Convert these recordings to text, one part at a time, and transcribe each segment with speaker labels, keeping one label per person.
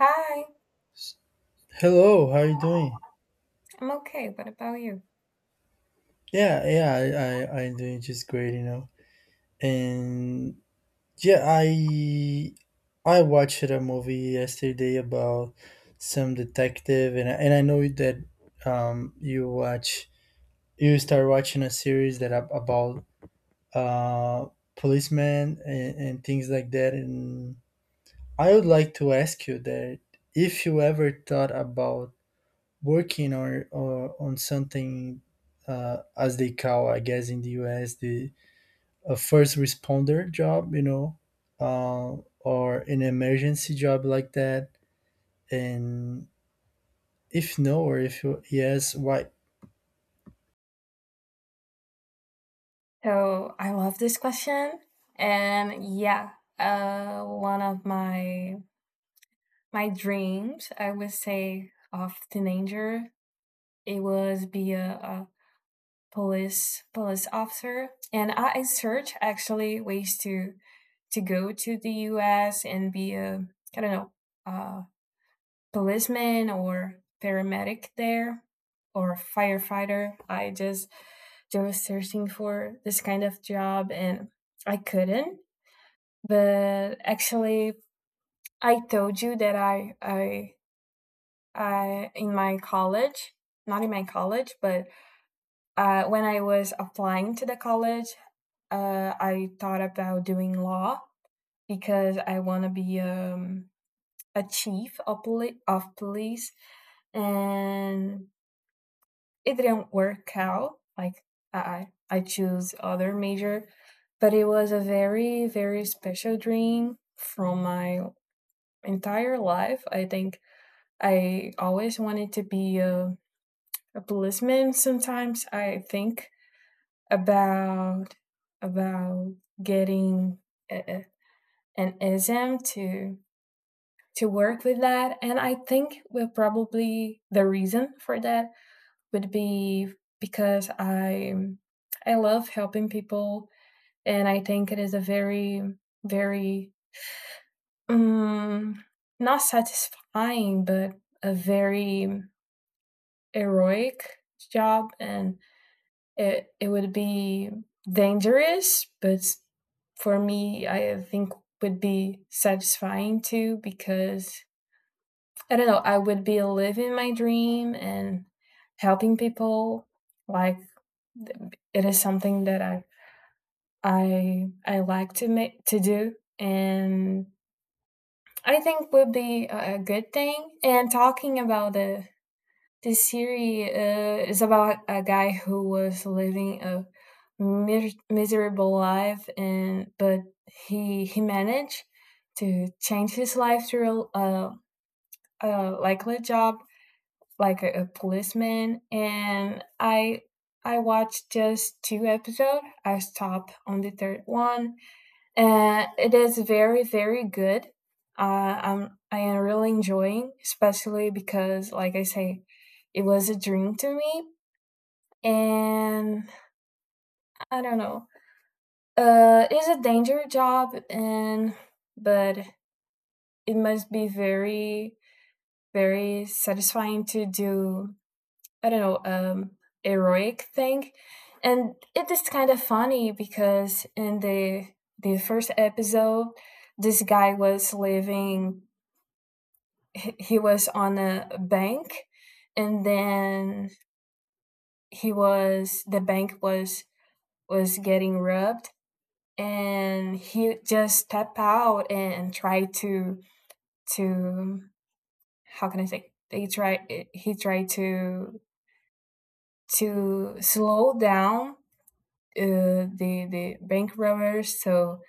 Speaker 1: Hi,
Speaker 2: Hello, how are you doing?
Speaker 1: I'm okay. What about you?
Speaker 2: Yeah, yeah, I'm doing just great. And yeah, I watched a movie yesterday about some detective, and I know that um you watch you start watching a series that about uh policemen and things like that. And I would like to ask you that if you ever thought about working or on something as they call, I guess, in the US, the a first responder job, uh, or an emergency job like that. And if no, or if yes, why?
Speaker 1: So I love this question, and yeah, one of my dreams, I would say, of teenager, it was be a police officer, and I search actually ways to go to the U.S. and be a I don't know, uh, policeman or paramedic there or firefighter. I just was searching for this kind of job and I couldn't. But actually, I told you that I in my college, not in my college, but when I was applying to the college, I thought about doing law because I want to be a chief of, of police and it didn't work out. Like I choose other major, but it was a very special dream from my entire life. I think I always wanted to be a policeman. Sometimes I think about about getting a, an exam to work with that. And I think we're probably the reason for that would be because I love helping people, and I think it is a very um, not satisfying, but a very heroic job, and it would be dangerous, but for me, I think would be satisfying too because I don't know, I would be living my dream and helping people, like it is something that I like to make to do, and I think would be a good thing. And talking about the this series is about a guy who was living a miserable life, and but he managed to change his life through a likely job like a policeman. And I watched just two episodes. I stopped on the third one, and it is very good. I am really enjoying, especially because like I say, it was a dream to me, and I don't know. It's a dangerous job, and but it must be very satisfying to do. I don't know, heroic thing. And it is kind of funny because in the first episode, this guy was living. He was on a bank, and then he was the bank was getting robbed, and he just stepped out and tried to to how can I say? They try He tried to slow down the bank robbers, so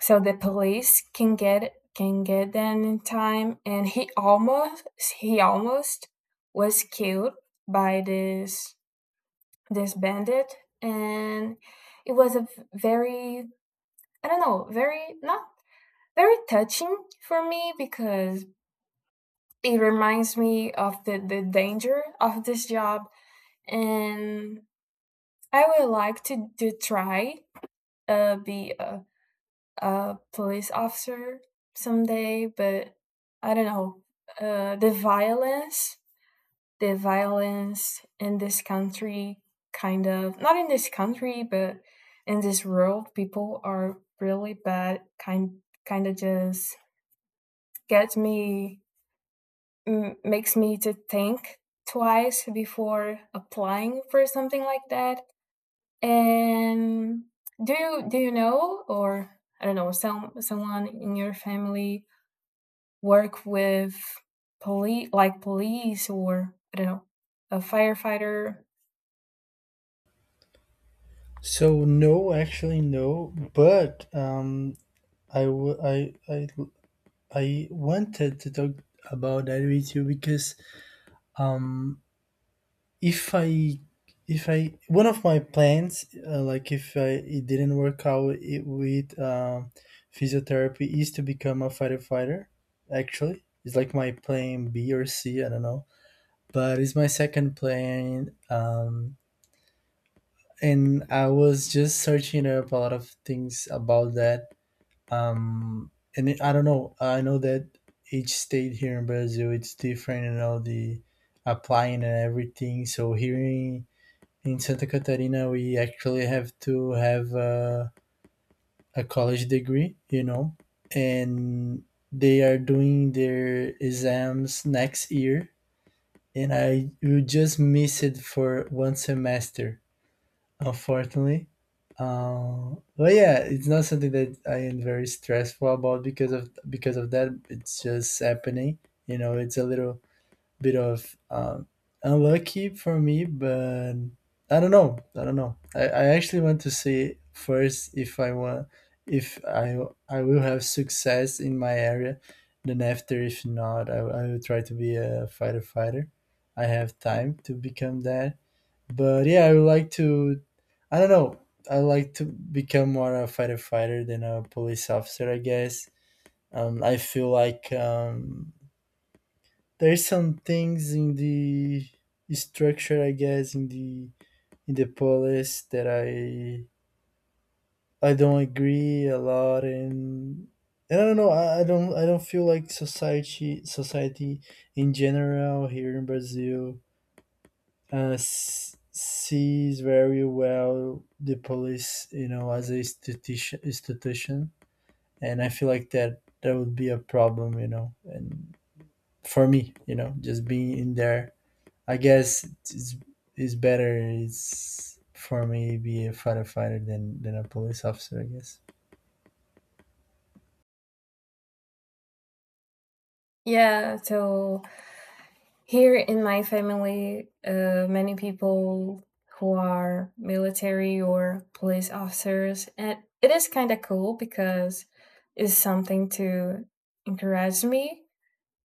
Speaker 1: the police can get, can get them in time. And he almost was killed by this bandit. And it was a very, I don't know, very not very touching for me because it reminds me of the danger of this job. And I would like to try be a police officer someday, but I don't know. The violence, the violence in this country, kind of not in this country, but in this world, people are really bad. Kind of just gets me, makes me to think twice before applying for something like that. And do you know or I don't know some someone in your family work with police, like police or I don't know, a firefighter.
Speaker 2: So, no, actually, no, but I w- I wanted to talk about that with you because um if I if I one of my plans, like, if I, it didn't work out, with physiotherapy, is to become a firefighter. Actually, it's like my plan B or C. I don't know, but it's my second plan. And I was just searching up a lot of things about that. And it, I don't know. I know that each state here in Brazil, it's different. You know, the applying and everything. So, hearing in Santa Catarina, we actually have to have a college degree, you know, and they are doing their exams next year, and I will just miss it for one semester, unfortunately. But yeah, it's not something that I am very stressful about because of that. It's just happening, you know. It's a little bit of unlucky for me, but I don't know. I don't know. I actually want to see first if I want if I I will have success in my area. Then after, if not, I will try to be a fighter. I have time to become that. But yeah, I would like to. I don't know. I like to become more a fighter than a police officer, I guess. I feel like there's some things in the structure, I guess, in the police that I don't agree a lot, and I don't know. I don't feel like society in general here in Brazil sees very well the police, you know, as a institution. And I feel like that would be a problem, you know, and for me, you know, just being in there, I guess it's better, it's for me to be a firefighter than a police officer, I guess.
Speaker 1: Yeah, so here in my family, many people who are military or police officers, and it is kind of cool because it's something to encourage me.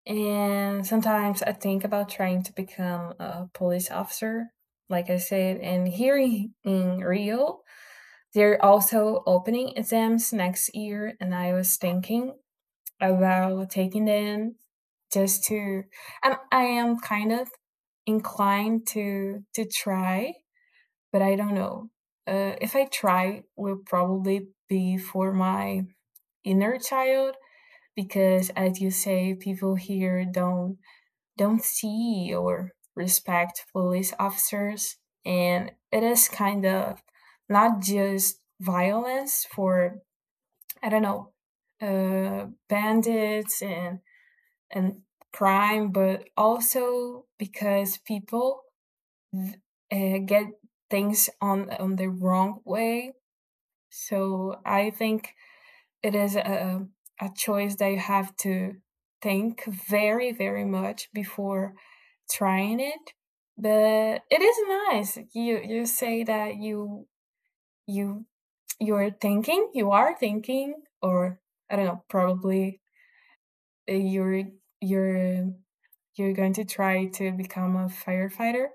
Speaker 1: And sometimes I think about trying to become a police officer, like I said. And here in Rio, they're also opening exams next year, and I was thinking about taking them just to. And I am kind of inclined to try, but I don't know. If I try, will probably be for my inner child because, as you say, people here don't see or respect police officers. And it is kind of not just violence for, I don't know, bandits and crime, but also because people uh, get things on the wrong way. So I think it is a choice that you have to think very, very much before trying it. But it is nice. You say that you you you're thinking, you are thinking, or I don't know, probably you're you're you're going to try to become a firefighter,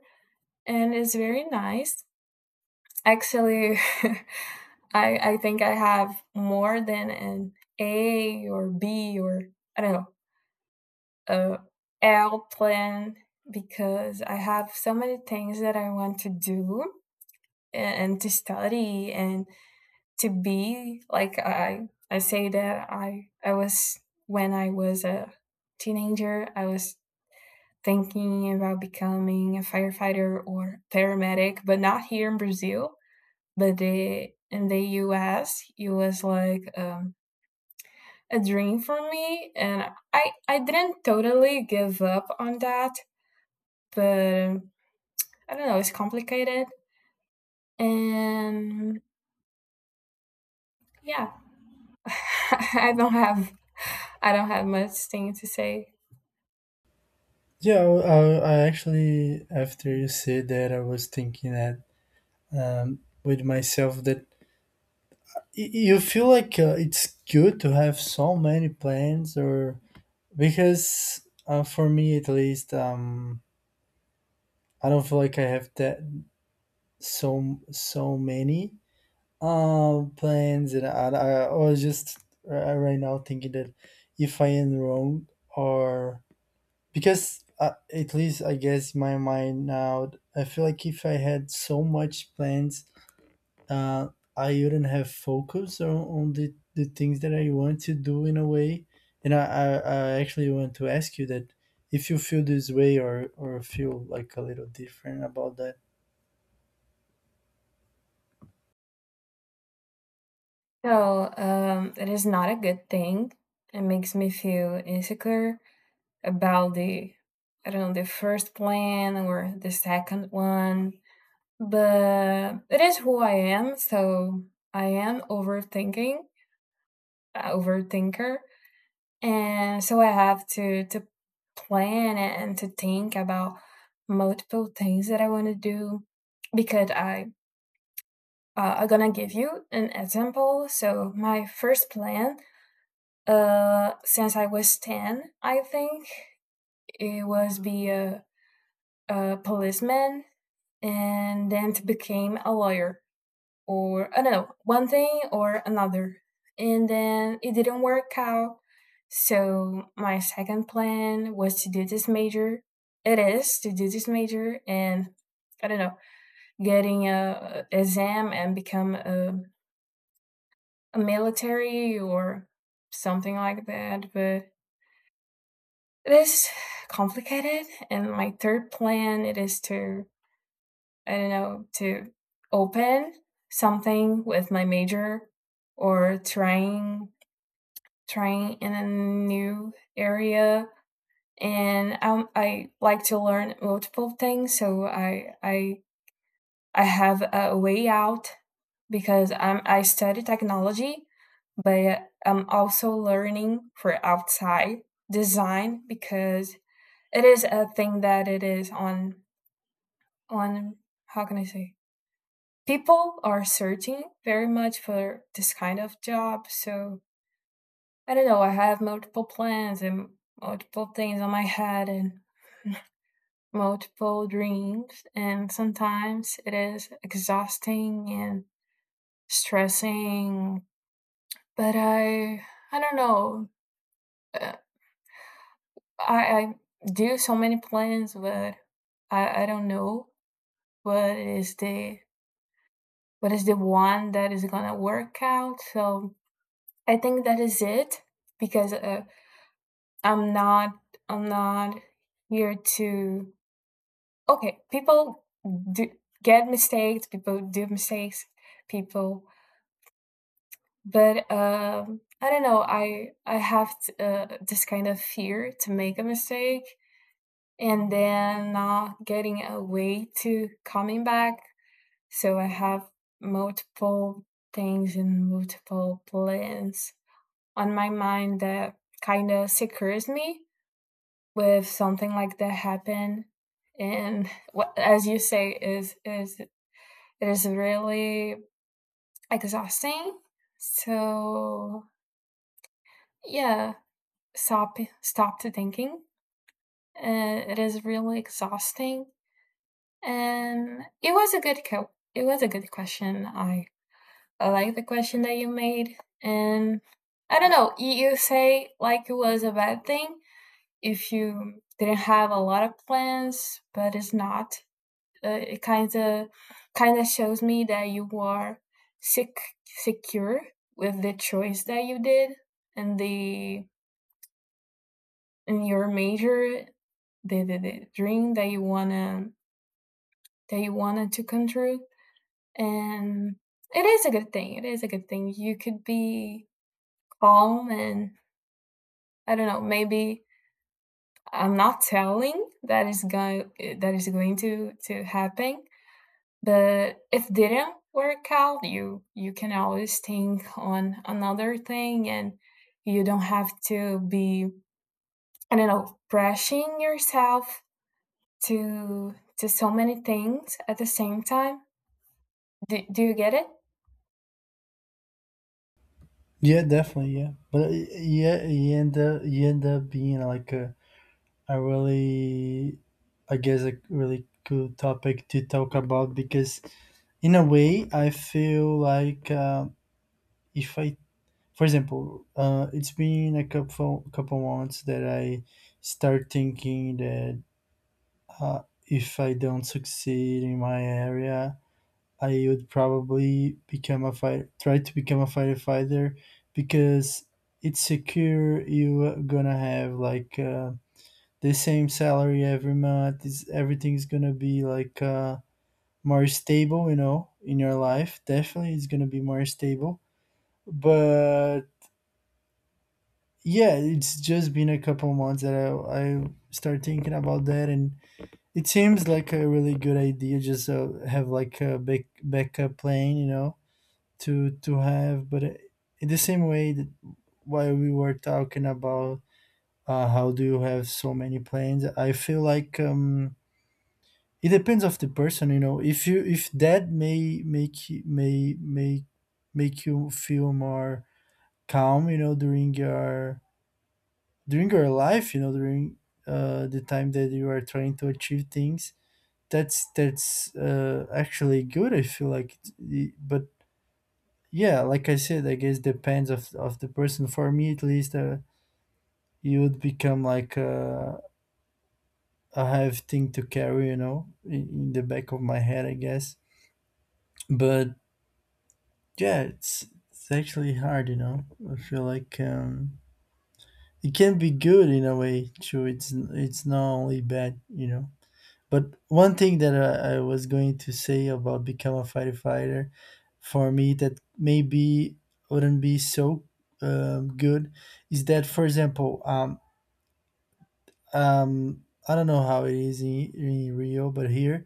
Speaker 1: and it's very nice actually. I think I have more than an a or b or I don't know, uh, airplane, because I have so many things that I want to do and, to study and to be like I say that I was when I was a teenager I was thinking about becoming a firefighter or paramedic but not here in Brazil but the in the US it was like a dream for me. And I didn't totally give up on that, but I don't know, it's complicated, and yeah. I don't have I don't have much thing to say.
Speaker 2: Yeah, well, I actually, after you said that, I was thinking that, with myself, that you feel like, it's good to have so many plans, or because, for me, at least, I don't feel like I have that so many plans. And I was just right now thinking that if I am wrong, or because, at least, I guess, my mind now, I feel like if I had so much plans, uh, I wouldn't have focus on the things that I want to do in a way. And I actually want to ask you that, if you feel this way, or feel like a little different about that.
Speaker 1: So, it is not a good thing. It makes me feel insecure about the I don't know, the first plan or the second one. But it is who I am, so I am overthinking, overthinker. And so I have to plan and to think about multiple things that I want to do because I'm gonna give you an example. So my first plan, since I was ten, I think it was be a policeman and then to became a lawyer, or I don't know, one thing or another. And then it didn't work out. So my second plan was to do this major. It is to do this major and I don't know, getting a exam and become a military or something like that. But it is complicated. And my third plan it is to I don't know to open something with my major or trying in a new area. And I like to learn multiple things, so I have a way out because I study technology, but I'm also learning for outside design because it is a thing that it is on on how can I say people are searching very much for this kind of job, so I don't know, I have multiple plans and multiple things on my head and multiple dreams, and sometimes it is exhausting and stressing. But I don't know. Uh, I do so many plans, but I don't know what is the one that is gonna work out. So I think that is it because I'm not I'm not here to okay, people do get mistakes, people do mistakes, people, but I don't know. I have this kind of fear to make a mistake and then not getting a way to coming back. So I have multiple things and multiple plans on my mind that kind of secures me with something like that happen. And what as you say is it is really exhausting. So yeah, stop to thinking. It is really exhausting, and it was a it was a good question. I like the question that you made, and I don't know. You say like it was a bad thing if you didn't have a lot of plans, but it's not. It kind of shows me that you are sick secure with the choice that you did and the and your major, the dream that you wanna that you wanted to come true. And it is a good thing, you could be calm. And I don't know, maybe I'm not telling that is going to happen, but if didn't work out you you can always think on another thing. And you don't have to be I don't know brushing yourself to so many things at the same time. Do you get it?
Speaker 2: Yeah, definitely, yeah. But yeah, you end up being like a, really, I guess, a really cool topic to talk about because, in a way, I feel like, if I, for example, it's been a couple months that I start thinking that, if I don't succeed in my area, I would probably become a fire try to become a firefighter, because it's secure. You're gonna have like the same salary every month. Is everything's gonna be like more stable, you know, in your life. Definitely, it's gonna be more stable. But yeah, it's just been a couple months that I start thinking about that, and it seems like a really good idea. Just have like a backup plan, you know, to have. But in the same way that while we were talking about, how do you have so many plans, I feel like it depends of the person, you know. If you, if that may make may make you feel more calm, you know, during your life, you know, during the time that you are trying to achieve things, that's, actually good, I feel like. But yeah, like I said, I guess, depends of the person. For me, at least, you would become like a, heavy thing to carry, you know, in, the back of my head, I guess. But yeah, it's actually hard, you know. I feel like it can be good in a way too. It's not only bad, you know. But one thing that I was going to say about become a firefighter, for me, that maybe wouldn't be so good, is that, for example, I don't know how it is in, Rio, but here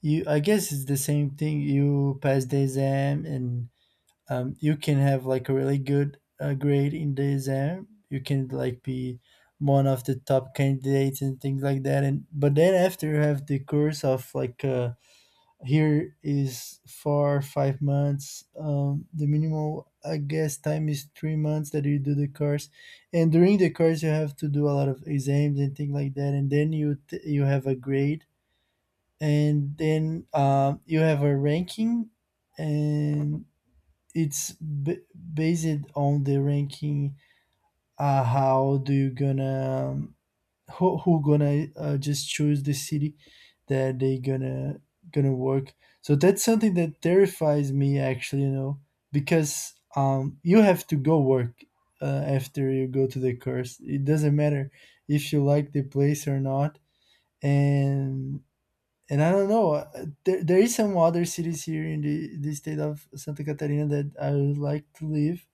Speaker 2: you, I guess, it's the same thing. You pass the exam and you can have like a really good grade in the exam. You can like be one of the top candidates and things like that. And but then after, you have the course of like. Here is 4, 5 months. The minimum, I guess, time is 3 months that you do the course, and during the course you have to do a lot of exams and things like that, and then you have a grade, and then you have a ranking, and it's based on the ranking. How do you gonna, who gonna, just choose the city that they gonna work? So that's something that terrifies me, actually, you know, because you have to go work, after you go to the course, it doesn't matter if you like the place or not. And I don't know, there is some other cities here in the state of Santa Catarina that I would like to live.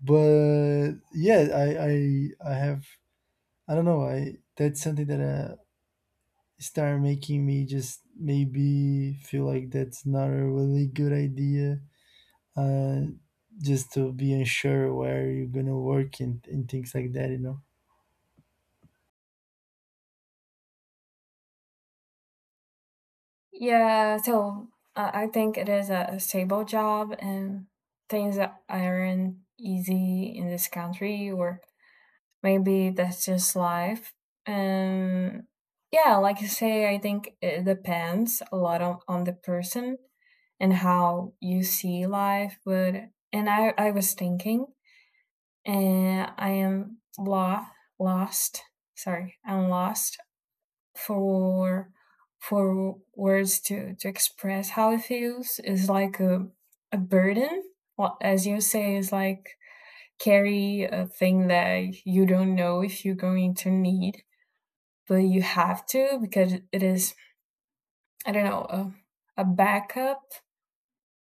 Speaker 2: But yeah, I have, I don't know. I, that's something that, start making me just maybe feel like that's not a really good idea, uh, just to be unsure where you're gonna work and things like that, you know.
Speaker 1: Yeah, so I think it is a stable job and things that aren't easy in this country, or maybe that's just life. Um, yeah, like you say, I think it depends a lot on the person and how you see life. But and I was thinking, and I am lost. Sorry, I'm lost for words to express how it feels. Is like a burden. Well, as you say, is like carry a thing that you don't know if you're going to need, but you have to because it is I don't know a backup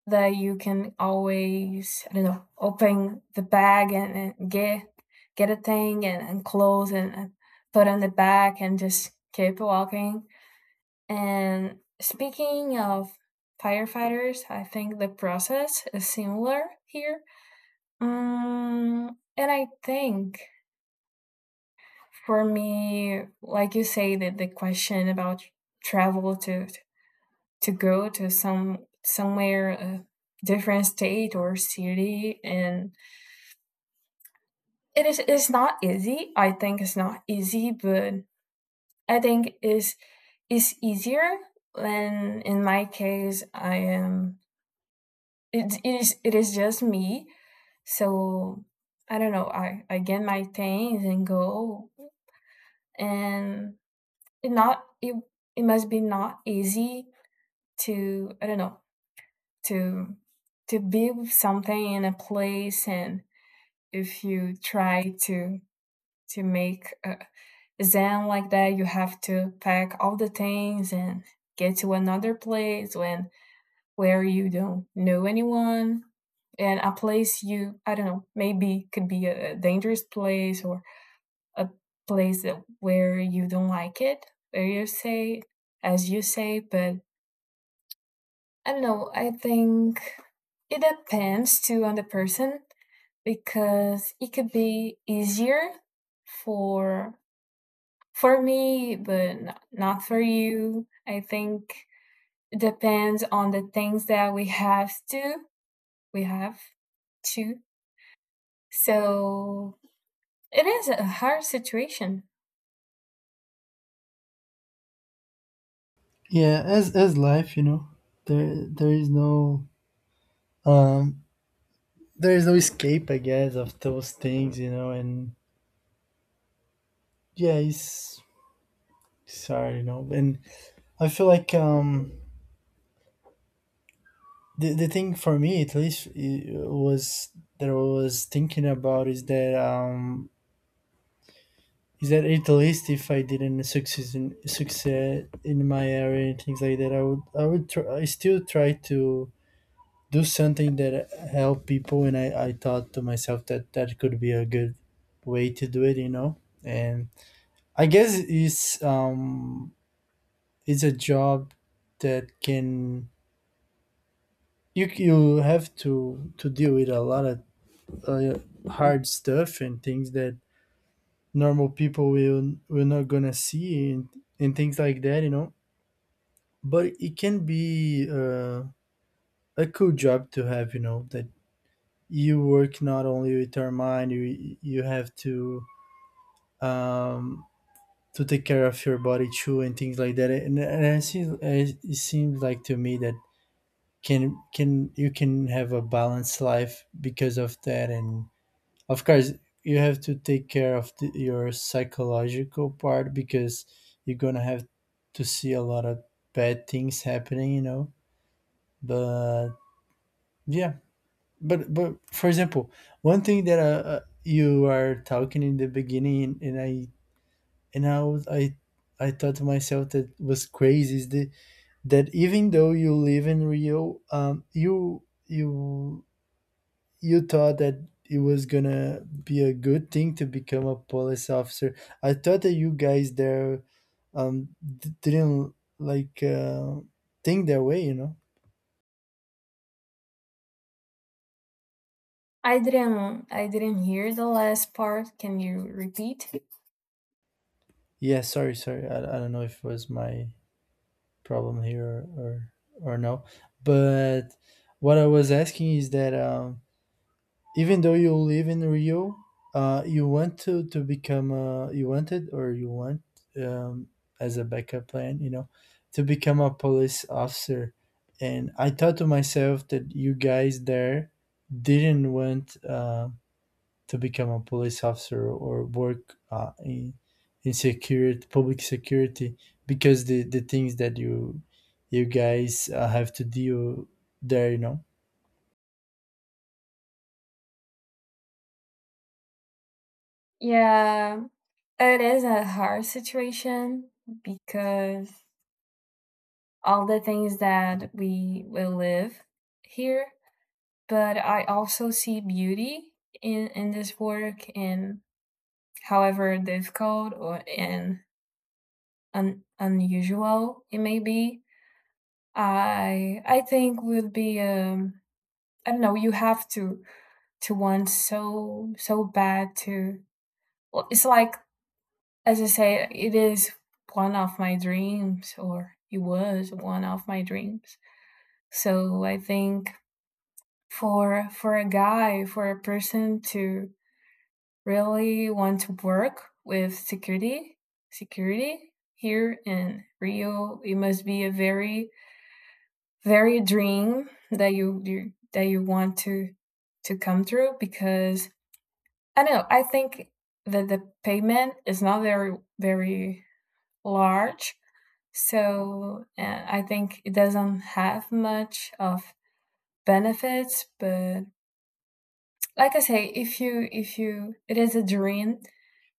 Speaker 1: that you can always I don't know open the bag and get a thing and clothes and put on the back and just keep walking. And speaking of firefighters, I think the process is similar here. And I think for me, like you say, that the question about travel to go to some somewhere a different state or city, and it's not easy. I think it's not easy, but I think is easier when in my case I am it is just me. So I don't know I get my things and go. And it not it it must be not easy to I don't know to build something in a place. And if you try to make a zen like that you have to pack all the things and get to another place when where you don't know anyone. And a place you I don't know maybe could be dangerous place or a place that where you don't like it, where you say as you say. But I don't know I think it depends too on the person because it could be easier for me but not for you. I think it depends on the things that we have to we have to. So it is a hard situation.
Speaker 2: Yeah, as life, you know, there is no, um there is no escape, I guess, of those things, you know. And yeah, it's, sorry, you know. And I feel like the thing for me, at least, it was that I was thinking about, is that, is that at least if I didn't succeed in my area and things like that, I still try to do something that help people. And I thought to myself that that could be a good way to do it, you know. And I guess it's, it's a job that can, you have to deal with a lot of uh, hard stuff and things that normal people will not gonna see, and things like that, you know. But it can be, a cool job to have, you know, that you work not only with your mind. You have um to take care of your body too, and things like that. And I see, it seems like to me that can, you can have a balanced life because of that. And of course, you have to take care of the, your psychological part, because you're gonna have to see a lot of bad things happening, you know. But yeah, but for example, one thing that, you are talking in the beginning, and I was- I thought to myself that was crazy, is the, that even though you live in Rio, you thought that it was gonna be a good thing to become a police officer. I thought that you guys there, didn't, like, think that way, you know.
Speaker 1: I didn't hear the last part. Can you repeat?
Speaker 2: Yeah, sorry, sorry, I don't know if it was my problem here, or or no. But what I was asking is that, even though you live in Rio, you want to become you wanted, or you want, um, as a backup plan, you know, to become a police officer. And I thought to myself that you guys there didn't want. To become a police officer or work, in security, public security, because the things that you guys, have to deal there, you know.
Speaker 1: Yeah, it is a hard situation because all the things that we will live here, but I also see beauty in this work. And however difficult or and unusual it may be. I think would be I don't know, you have to want so bad to well, it's like as I say it is one of my dreams or it was one of my dreams. So I think for a guy for a person to really want to work with security here in Rio, it must be a very dream that you that you want to come through. Because I know. I think that the payment is not very large, so I think it doesn't have much of benefits. But like I say, if you it is a dream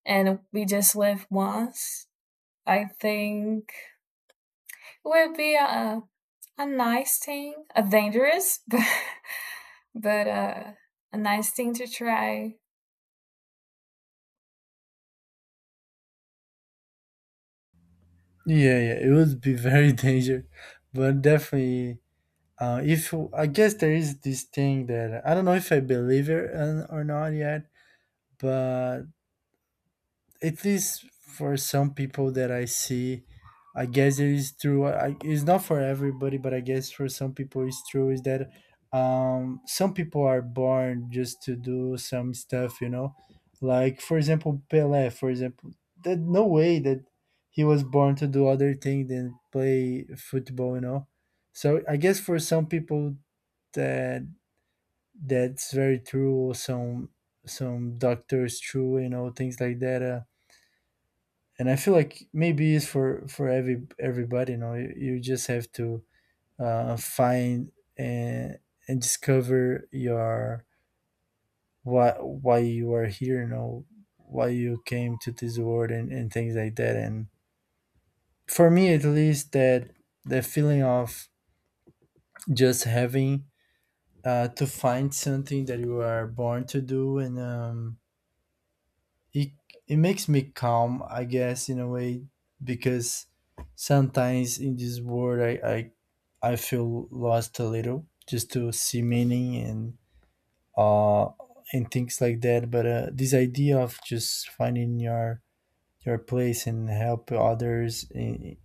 Speaker 1: and we just live once, I think it would be a nice thing, a dangerous, but a nice thing to try.
Speaker 2: Yeah, yeah, it would be very dangerous, but definitely. If I guess there is this thing that I don't know if I believe it or not yet, but at least for some people that I see, I guess it is true. I, it's not for everybody, but I guess for some people it's true. Is that, some people are born just to do some stuff, you know? Like, for example, Pelé. For example, that no way that he was born to do other thing than play football, you know? So I guess for some people that that's very true. Some doctors, true, you know, things like that. And I feel like maybe it's for everybody. You know, you just have to, find and discover your why you are here. You know, why you came to this world and things like that. And for me, at least, that the feeling of just having, to find something that you are born to do, and, it makes me calm, I guess, in a way, because sometimes in this world, I feel lost a little, just to see meaning uh and things like that. But, this idea of just finding your place and help others,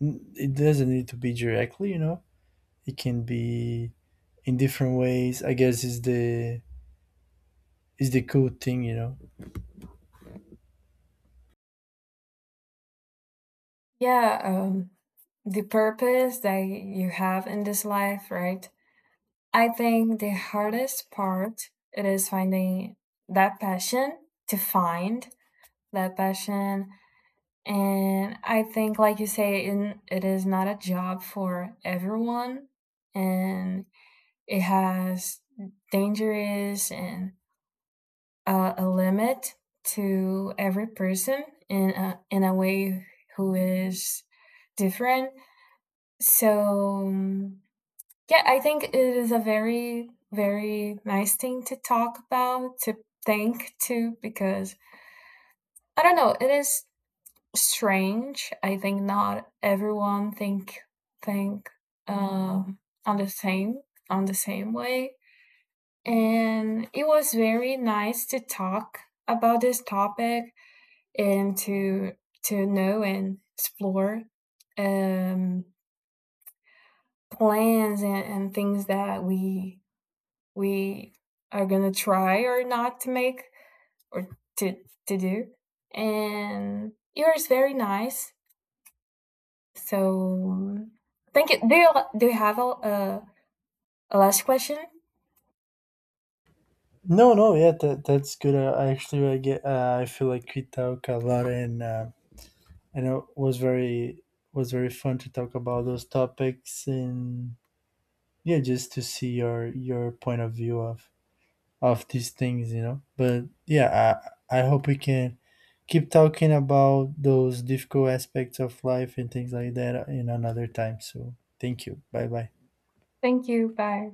Speaker 2: it doesn't need to be directly, you know. It can be in different ways, I guess, is the cool thing, you know.
Speaker 1: Yeah, the purpose that you have in this life, right? I think the hardest part it is finding that passion, to find that passion. And I think, like you say, in, it is not a job for everyone, and it has dangerous and a limit to every person in in a way who is different. So, yeah, I think it is a very, very nice thing to talk about, to think to, because I don't know, it is strange. I think not everyone think think um on the same way. And it was very nice to talk about this topic and to know and explore um plans and things that we are gonna try or not to make or to do. And yours very nice. So thank you. Do you have a last question?
Speaker 2: No, no, yeah, that's good. I actually, I get. I feel like we talk a lot, and it was very fun to talk about those topics, and yeah, just to see your point of view of these things, you know. But yeah, I hope we can keep talking about those difficult aspects of life and things like that in another time. So thank you. Bye bye.
Speaker 1: Thank you. Bye.